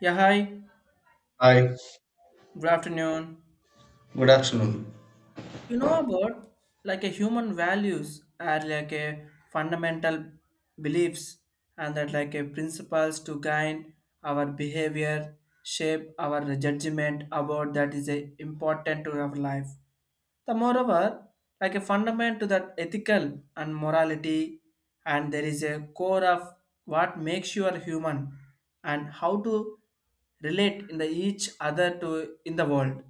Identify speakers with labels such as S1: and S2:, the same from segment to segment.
S1: Yeah, hi.
S2: Hi,
S1: Good afternoon.
S2: good afternoon.
S1: You know about like a human values are like a fundamental beliefs and that like a principles to guide our behavior, shape our judgment about that is a important to our life. The moreover, like a fundament to that ethical and morality and there is a core of what makes you a human and how to relate in the each other to in the world.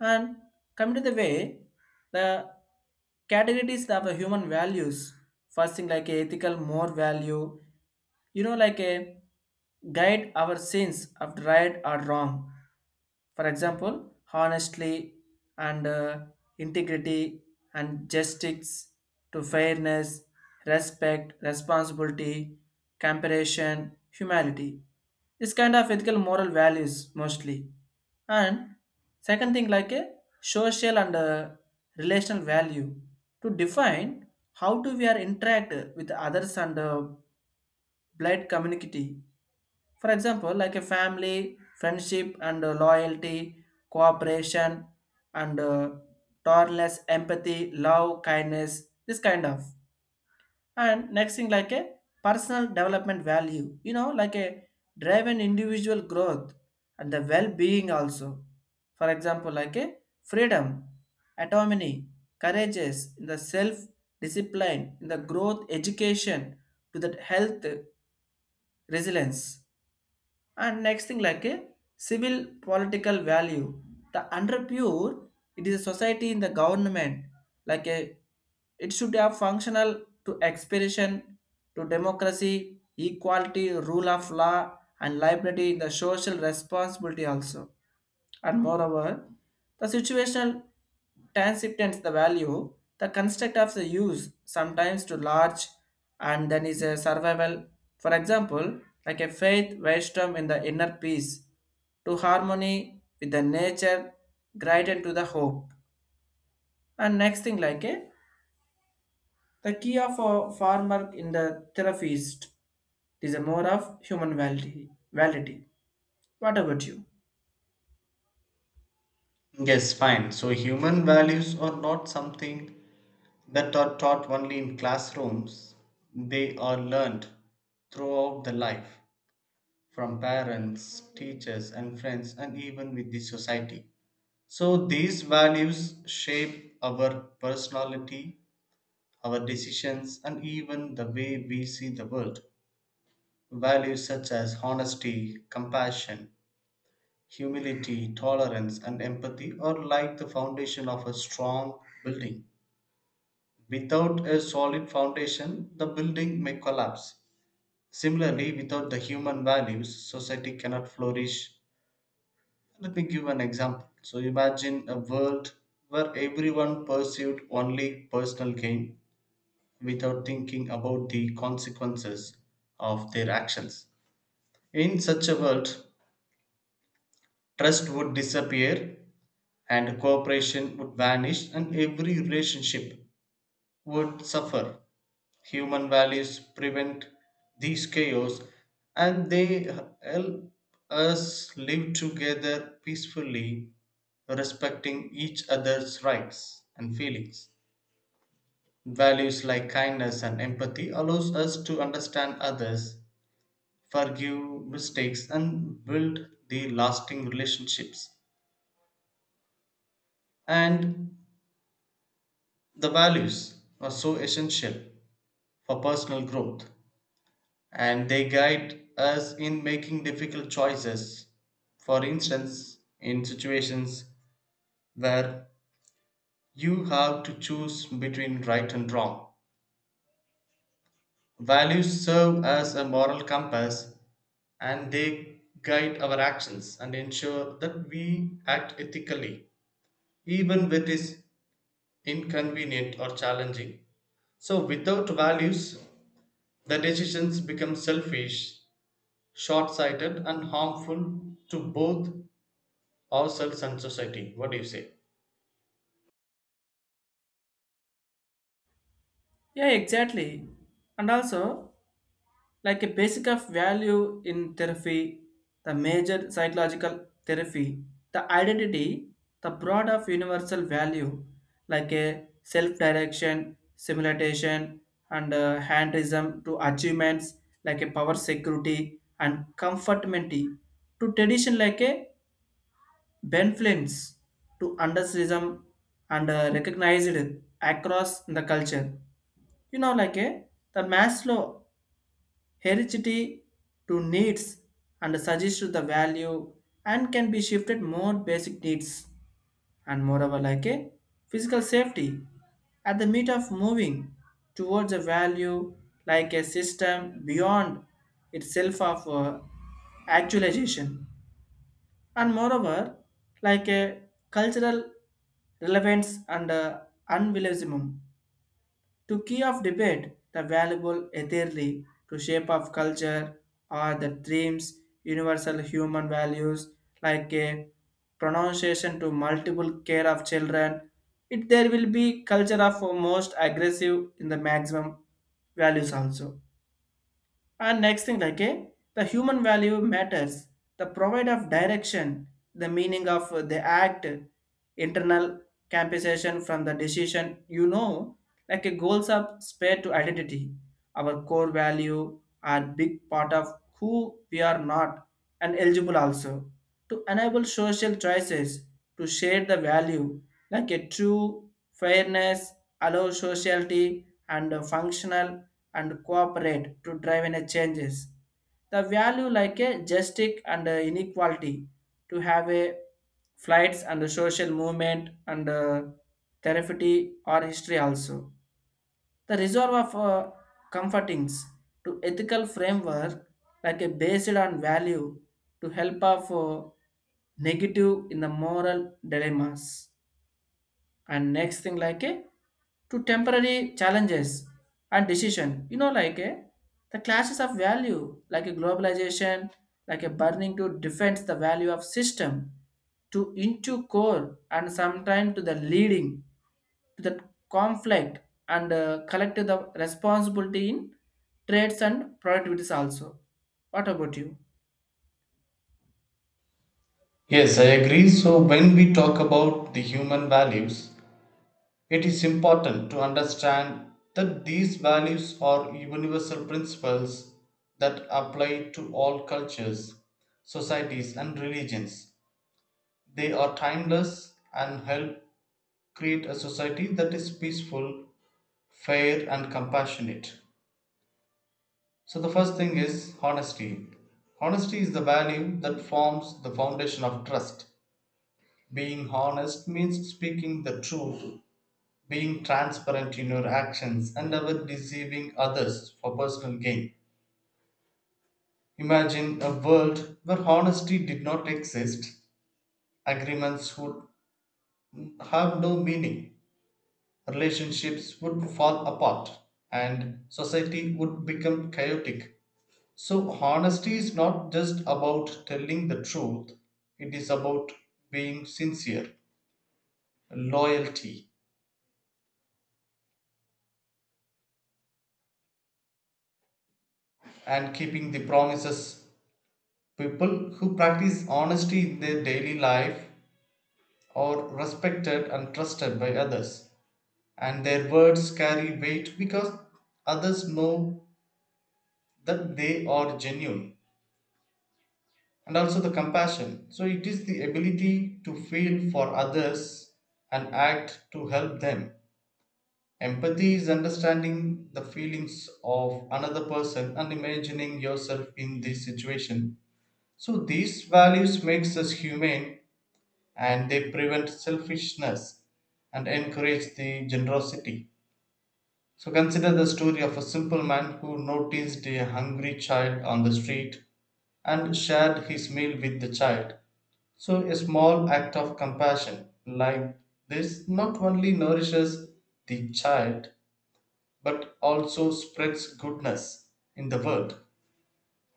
S1: And coming to the way, the categories of the human values, first thing like a ethical, more value, you know, like a guide our sins of right or wrong. For example, honestly and integrity and justice to fairness, respect, responsibility, comparison, humanity. This kind of ethical moral values mostly. And second thing, like a social and relational value to define how do we are interact with others and blood community. For example, like a family, friendship and loyalty, cooperation and tolerance, empathy, love, kindness, this kind of and next thing like a personal development value, you know, like a driven individual growth and the well-being also, for example like a freedom autonomy courageous in the self discipline in the growth education to that health resilience and next thing like a civil political value the under pure it is a society in the government like a it should have functional to expression to democracy equality rule of law and liability in the social responsibility also. And moreover, the situational transcendence the value, the construct of the use sometimes to large and then is a survival. For example, like a faith wisdom in the inner peace, to harmony with the nature, guided to the hope. And next thing like a the key of a farmer in the therapist is a more of human validity. What about you?
S2: Yes, fine. So, human values are not something that are taught only in classrooms, they are learned throughout the life from parents, teachers, and friends, and even with the society. So, these values shape our personality, our decisions, and even the way we see the world. Values such as honesty, compassion, humility, tolerance, and empathy are like the foundation of a strong building. Without a solid foundation, the building may collapse. Similarly, without the human values, society cannot flourish. Let me give an example. So, imagine a world where everyone pursued only personal gain without thinking about the consequences of their actions. In such a world, trust would disappear, and cooperation would vanish and every relationship would suffer. Human values prevent these chaos and they help us live together peacefully, respecting each other's rights and feelings. Values like kindness and empathy allows us to understand others, forgive mistakes and build the lasting relationships. And the values are so essential for personal growth and they guide us in making difficult choices. For instance, in situations where you have to choose between right and wrong, values serve as a moral compass and they guide our actions and ensure that we act ethically, even when it is inconvenient or challenging. So, without values, the decisions become selfish, short sighted and harmful to both ourselves and society. What do you say?
S1: Yeah, exactly. And also like a basic of value in therapy the major psychological therapy the identity the broad of universal value like a self-direction simulation and handism to achievements like a power security and comfortability to tradition like a benflins to undersism and recognized across the culture, you know, like a the maslow heredity to needs and suggests the value and can be shifted more basic needs. And moreover like a physical safety at the meat of moving towards a value like a system beyond itself of actualization. And moreover like a cultural relevance and unbelievable to key of debate the valuable etherly to shape of culture are the dreams universal human values like a pronunciation to multiple care of children it there will be culture of most aggressive in the maximum values also. And next thing, like the human value matters, the provide of direction, the meaning of the act, internal compensation from the decision, you know, like a goals of spare to identity. Our core value are big part of who we are not and eligible also. To enable social choices to share the value, like a true fairness, allow sociality and functional and cooperate to drive any changes. The value like a justice and inequality to have a flights and a social movement and therapy or history also. The reserve of comfortings to ethical framework like a based on value to help of negative in the moral dilemmas. And next thing like a to temporary challenges and decision, you know, like a the clashes of value like a globalization like a burning to defend the value of system to into core and sometimes to the leading to the conflict and collective the responsibility in trades and productivities also. What about you?
S2: Yes, I agree. So, when we talk about the human values, it is important to understand that these values are universal principles that apply to all cultures, societies, and religions. They are timeless and help create a society that is peaceful, fair, and compassionate. So the first thing is honesty. Honesty is the value that forms the foundation of trust. Being honest means speaking the truth, being transparent in your actions, and never deceiving others for personal gain. Imagine a world where honesty did not exist. Agreements would have no meaning, relationships would fall apart, and society would become chaotic. So, honesty is not just about telling the truth, it is about being sincere, loyalty, and keeping the promises. People who practice honesty in their daily life are respected and trusted by others, and their words carry weight because others know that they are genuine, and also the compassion. So, it is the ability to feel for others and act to help them. Empathy is understanding the feelings of another person and imagining yourself in this situation. So these values makes us humane and they prevent selfishness and encourage the generosity. So consider the story of a simple man who noticed a hungry child on the street and shared his meal with the child. So, a small act of compassion like this not only nourishes the child but also spreads goodness in the world.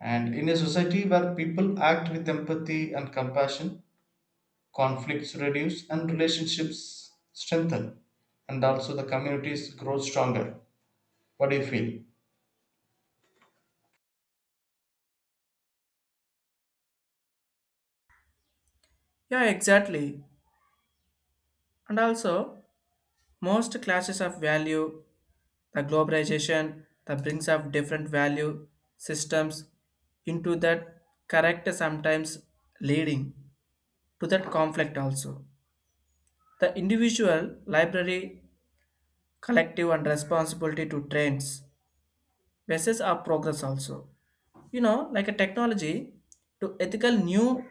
S2: And in a society where people act with empathy and compassion, conflicts reduce and relationships strengthen, and also the communities grow stronger. What do you feel?
S1: Yeah, exactly. And also most classes of value the globalization that brings up different value systems into that correct sometimes leading to that conflict also the individual library collective and responsibility to trends versus our progress also, you know, like a technology to ethical new.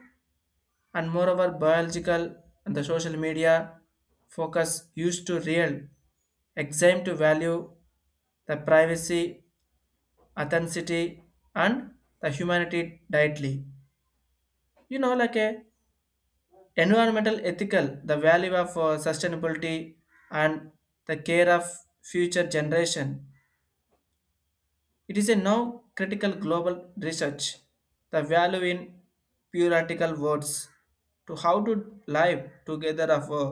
S1: And moreover biological and the social media focus used to real exam to value the privacy authenticity and the humanity directly. You know, like a environmental ethical, the value of sustainability and the care of future generation. It is a now critical global research, the value in theoretical words to how to live together of a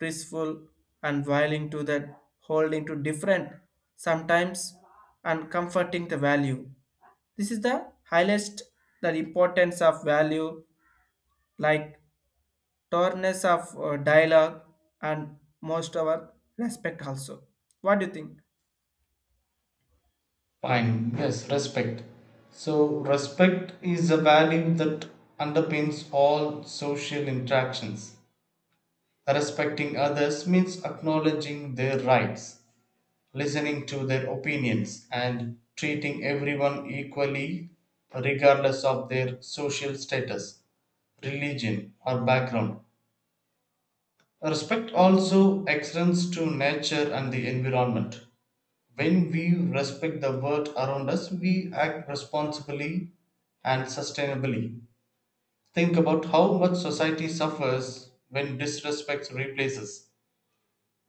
S1: peaceful and willing to that holding to different sometimes and comforting the value. This is the highlights the importance of value like tolerance of dialogue and most our respect also. What do you think?
S2: Fine, yes, respect. So, respect is a value that underpins all social interactions. Respecting others means acknowledging their rights, listening to their opinions, and treating everyone equally regardless of their social status, religion, or background. Respect also extends to nature and the environment. When we respect the world around us, we act responsibly and sustainably. Think about how much society suffers when disrespect replaces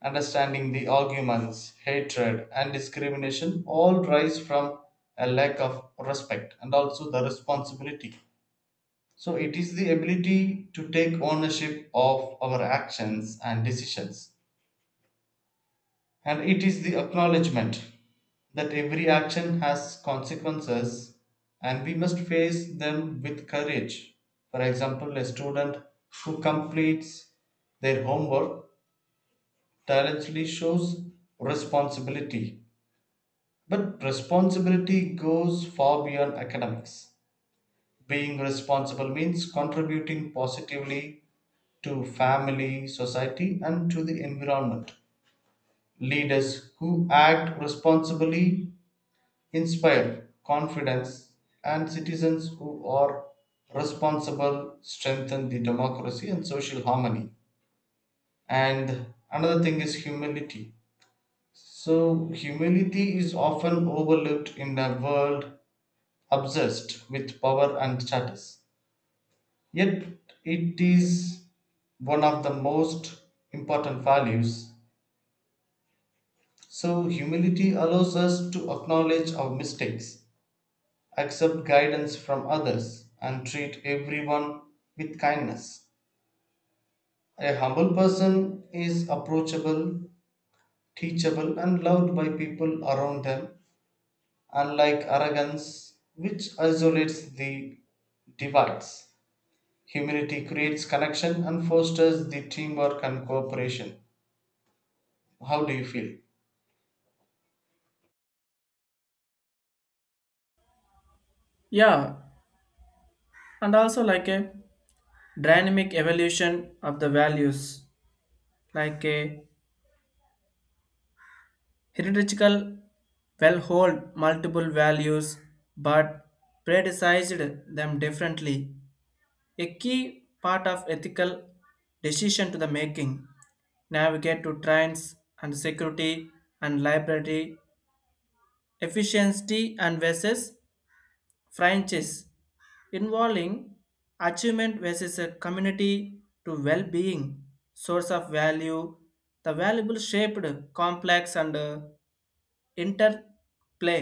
S2: understanding. The arguments, hatred, and discrimination all rise from a lack of respect and also the responsibility. So, it is the ability to take ownership of our actions and decisions. And it is the acknowledgement that every action has consequences and we must face them with courage. For example, a student who completes their homework tirelessly shows responsibility. But responsibility goes far beyond academics. Being responsible means contributing positively to family, society, and to the environment. Leaders who act responsibly inspire confidence, and citizens who are responsible strengthen the democracy and social harmony. And another thing is humility. So, humility is often overlooked in a world obsessed with power and status. Yet it is one of the most important values. So, humility allows us to acknowledge our mistakes, accept guidance from others, and treat everyone with kindness. A humble person is approachable, teachable, and loved by people around them, unlike arrogance, which isolates the divides. Humility creates connection and fosters the teamwork and cooperation. How do you feel?
S1: Yeah, and also like a dynamic evolution of the values, like a hierarchical will hold multiple values but predecessed them differently. A key part of ethical decision to the making. Navigate to trains and security and library efficiency and versus franchise involving achievement versus a community to well-being source of value the valuable shaped complex and interplay,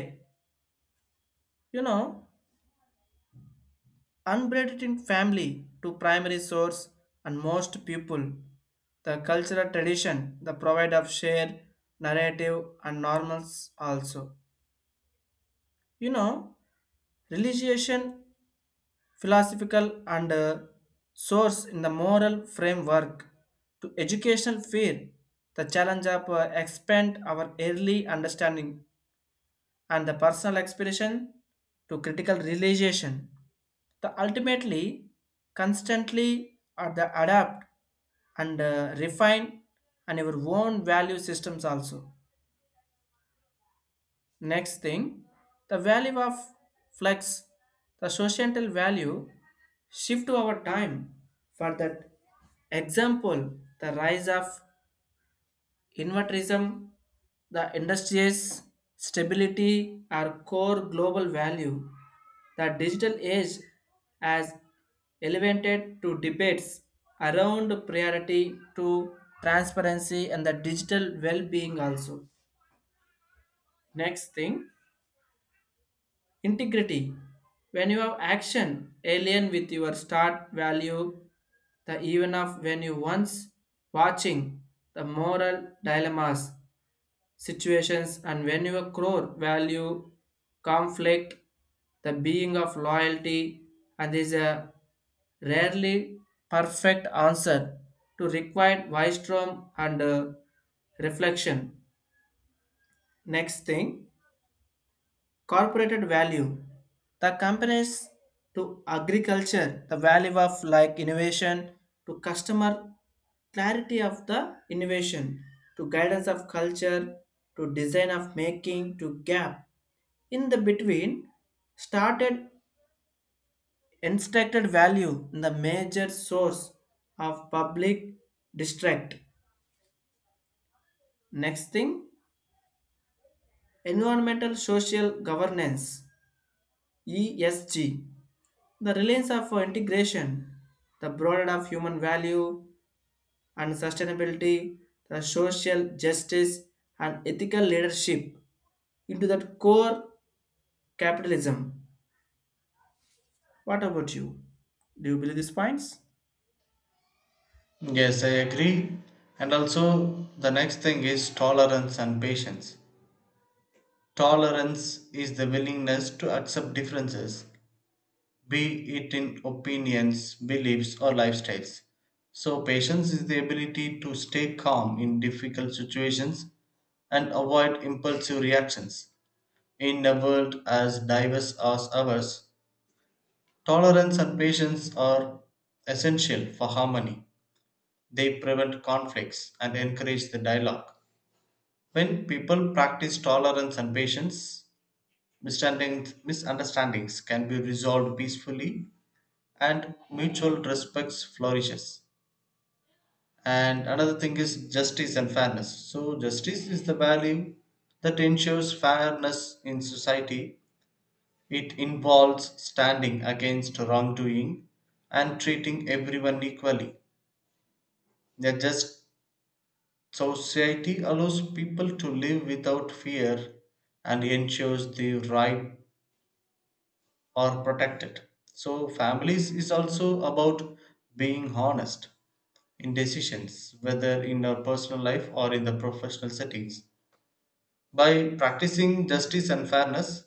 S1: you know, Unbreaded in family to primary source and most people, the cultural tradition, the provide of shared narrative and normals also. You know, religion, philosophical and source in the moral framework to educational fear, the challenge of expand our early understanding and the personal expression to critical realization. The ultimately constantly are the adapt and refine and your own value systems also. Next thing, the value of flex, the societal value shift over time. For that example, the rise of Invertism, the industry's stability, our core global value. The digital age has elevated to debates around priority to transparency and the digital well-being also. Next thing, Integrity. When you have action, alien with your start value, the even of when you once watching the moral dilemmas, situations, and when your core value, conflict, the being of loyalty, and is a rarely perfect answer to required wisdom and reflection. Next thing Corporate value, the companies to agriculture, the value of like innovation to customer clarity of the innovation to guidance of culture to design of making to gap in the between started instructed value in the major source of public distract. Next thing environmental social governance ESG, the reliance of integration, the broader of human value and sustainability, the social justice and ethical leadership into that core capitalism. What about you? Do you believe these points?
S2: Yes, I agree. And also, the next thing is tolerance and patience. Tolerance is the willingness to accept differences, be it in opinions, beliefs, or lifestyles. So, patience is the ability to stay calm in difficult situations and avoid impulsive reactions. In a world as diverse as ours, tolerance and patience are essential for harmony. They prevent conflicts and encourage the dialogue. When people practice tolerance and patience, misunderstandings can be resolved peacefully and mutual respect flourishes. And another thing is justice and fairness. So, justice is the value that ensures fairness in society. It involves standing against wrongdoing and treating everyone equally. That just society allows people to live without fear and ensures the right are protected. So families is also about being honest in decisions, whether in our personal life or in the professional settings. By practicing justice and fairness,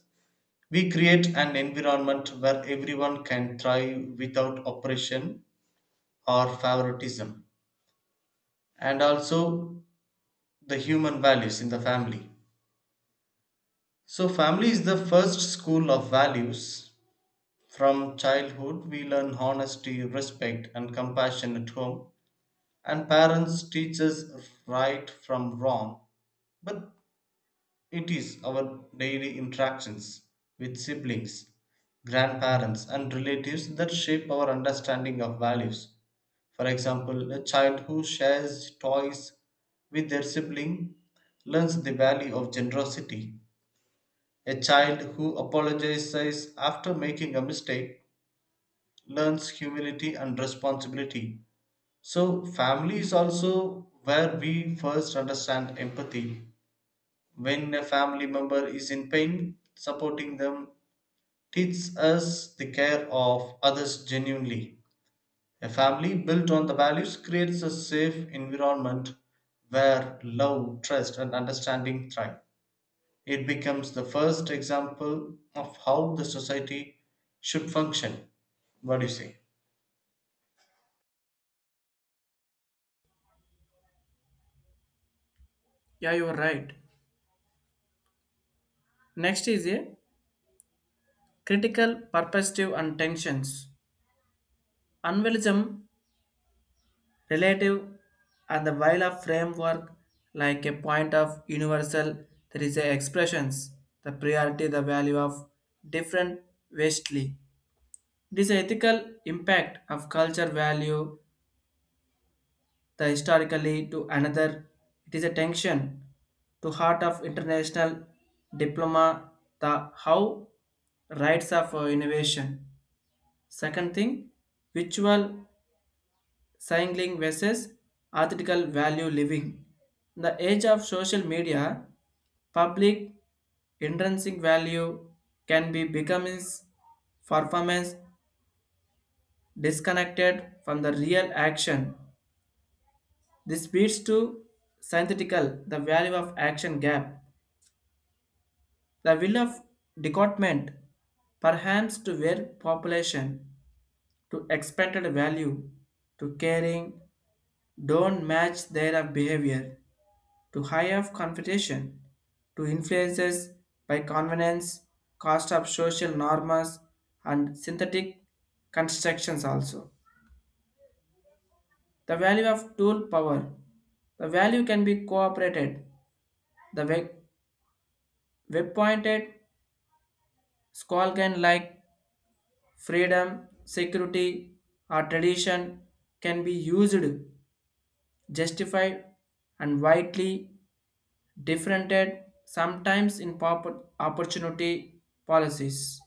S2: we create an environment where everyone can thrive without oppression or favoritism, and also the human values in the family. So, family is the first school of values. From childhood, we learn honesty, respect, and compassion at home, and parents teach us right from wrong. But it is our daily interactions with siblings, grandparents, and relatives that shape our understanding of values. For example, a child who shares toys with their sibling learns the value of generosity, a child who apologizes after making a mistake learns humility and responsibility. So, family is also where we first understand empathy. When a family member is in pain, supporting them teaches us the care of others genuinely. A family built on the values creates a safe environment where love, trust, and understanding thrive. It becomes the first example of how the society should function. What do you say?
S1: Yeah, you are right. Next is a critical perspective and tensions. Unrealism relative and the while a framework like a point of universal there is a expressions the priority the value of different vastly it is ethical impact of culture value the historically to another it is a tension to heart of international diploma the how rights of innovation. Second thing ritual cycling versus ethical value living. In the age of social media, public intrinsic value can be becoming performance disconnected from the real action. This leads to synthetical, the value of action gap, the will of decotement, perhaps to where population to expected value to caring don't match their behavior. To high of competition, to influences by convenience, cost of social norms, and synthetic constructions also. The value of tool power. The value can be cooperated. The web, web pointed squall can like freedom, security, or tradition can be used, justified, and widely differented sometimes in opportunity policies.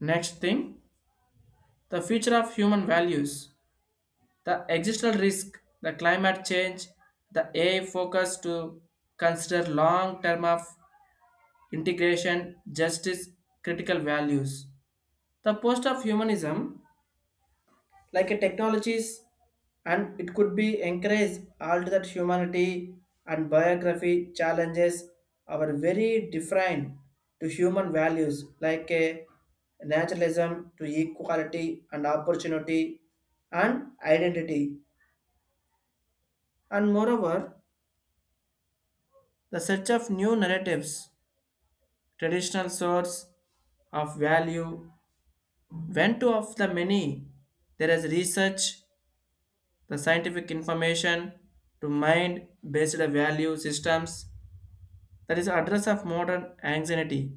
S1: Next thing, the future of human values, the existential risk, the climate change, the AI focus to consider long term of integration, justice, critical values. The post of humanism like a technologies and it could be encouraged all to that humanity and biography challenges are very different to human values like a naturalism to equality and opportunity and identity. And moreover the search of new narratives traditional source of value went to of the many there is research the scientific information to mind based value systems that is address of modern anxiety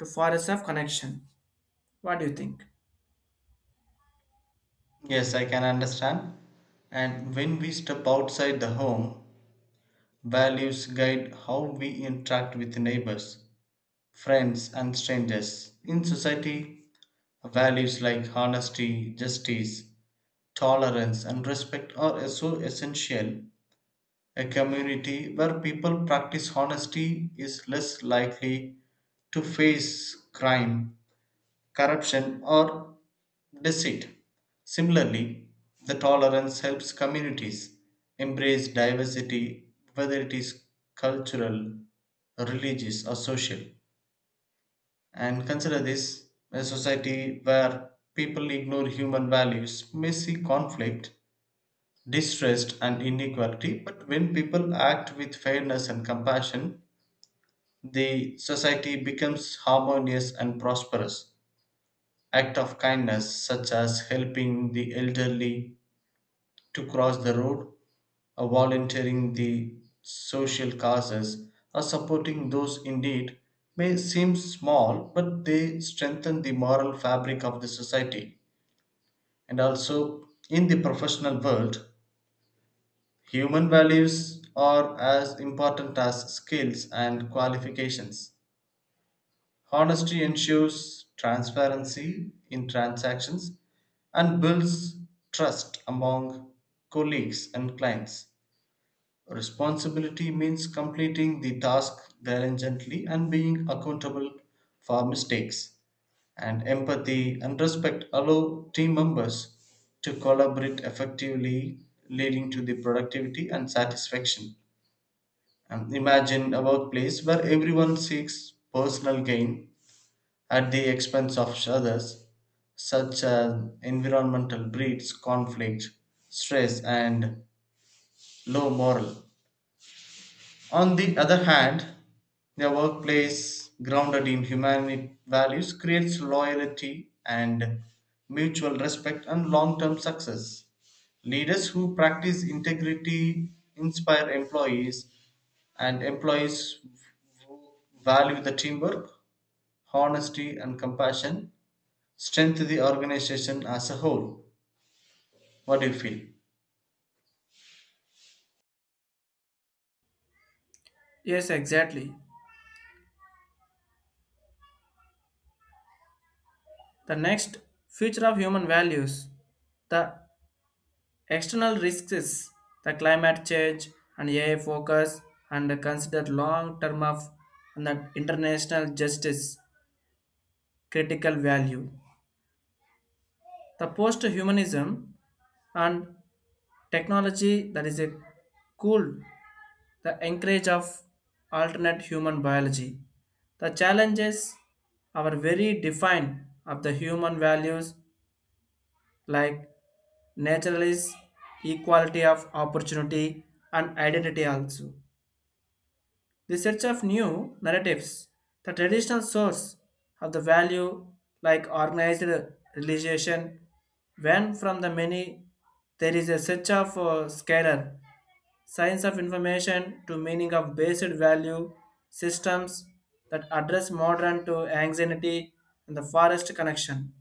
S1: to forest of connection. What do you think?
S2: Yes, I can understand. And when we step outside the home, values guide how we interact with neighbors, friends, and strangers. In society, values like honesty, justice, tolerance, and respect are so essential. A community where people practice honesty is less likely to face crime, corruption, or deceit. Similarly, the tolerance helps communities embrace diversity, whether it is cultural, religious, or social. And consider this, a society where people ignore human values may see conflict, distrust and inequality, but when people act with fairness and compassion the society becomes harmonious and prosperous. Act of kindness such as helping the elderly to cross the road or volunteering the social causes or supporting those in need may seem small but they strengthen the moral fabric of the society. And also in the professional world, human values are as important as skills and qualifications. Honesty ensures transparency in transactions and builds trust among colleagues and clients. Responsibility means completing the task diligently and being accountable for mistakes. And empathy and respect allow team members to collaborate effectively, leading to the productivity and satisfaction. Imagine a workplace where everyone seeks personal gain at the expense of others, such as environmental breeds, conflict, stress, and low morale. On the other hand, a workplace grounded in human values creates loyalty and mutual respect and long term success. Leaders who practice integrity inspire employees, and employees who value the teamwork, honesty, and compassion strengthen the organization as a whole. What do you feel?
S1: Yes, exactly. The next future of human values, the external risks, the climate change and AI focus and consider long term of and the international justice critical value the post humanism and technology that is a cool the encourage of alternate human biology. The challenges are very defined of the human values like naturalist, equality of opportunity, and identity also. The search of new narratives, the traditional source of the value like organized religion, when from the many there is a search of scalar science of information to meaning of basic value systems that address modern to anxiety and the forest connection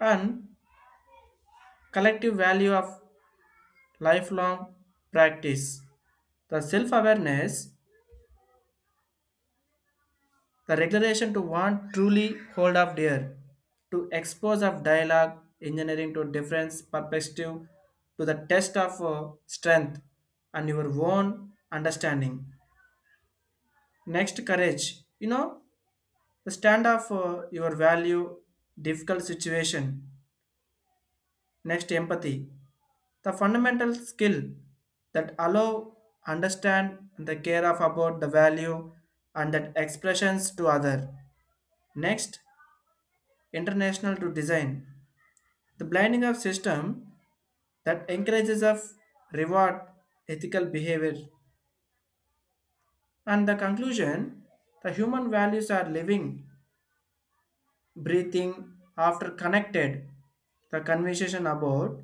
S1: and collective value of lifelong practice the self-awareness the regulation to want truly hold of dear to expose of dialogue engineering to difference perspective to the test of strength and your own understanding. Next courage, you know, Stand up for your value, difficult situation. Next, empathy. The fundamental skill that allow, understand, and the care of about the value and that expressions to other. Next, international to design. The blinding of system that encourages of reward ethical behavior and the conclusion the human values are living breathing after connected the conversation about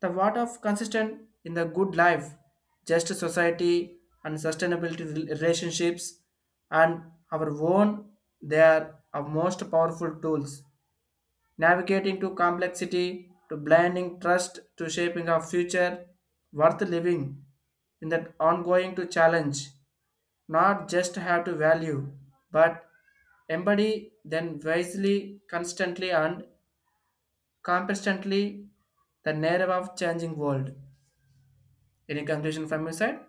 S1: The what of consistent in the good life, just society and sustainability relationships and our own, they are our most powerful tools. Navigating to complexity, to blending trust, to shaping our future, worth living in that ongoing to challenge not just have to value, but embody then wisely, constantly, and competently the narrative of changing world. Any conclusion from your side?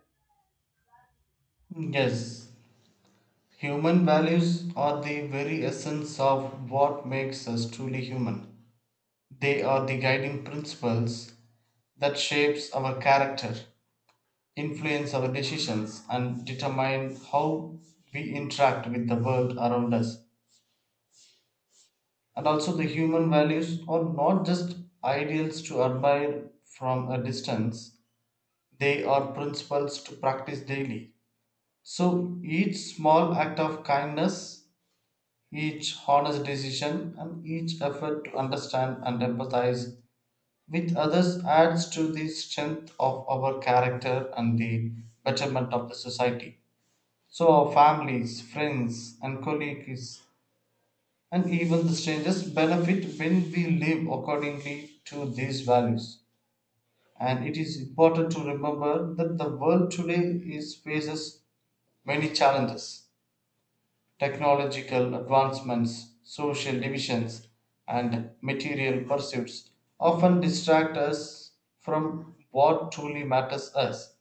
S2: Yes, human values are the very essence of what makes us truly human. They are the guiding principles that shapes our character, influence our decisions and determine how we interact with the world around us. And also the human values are not just ideals to admire from a distance, they are principles to practice daily. So each small act of kindness, each honest decision and each effort to understand and empathize with others adds to the strength of our character and the betterment of the society. So our families, friends, and colleagues, and even the strangers benefit when we live accordingly to these values. And it is important to remember that the world today is faces many challenges. Technological advancements, social divisions, and material pursuits often distract us from what truly matters us,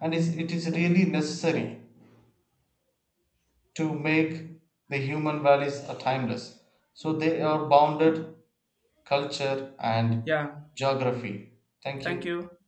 S2: and is- it is really necessary to make the human values are timeless. So they are bounded culture and
S1: Yeah.
S2: geography. Thank
S1: Thank
S2: you.
S1: you.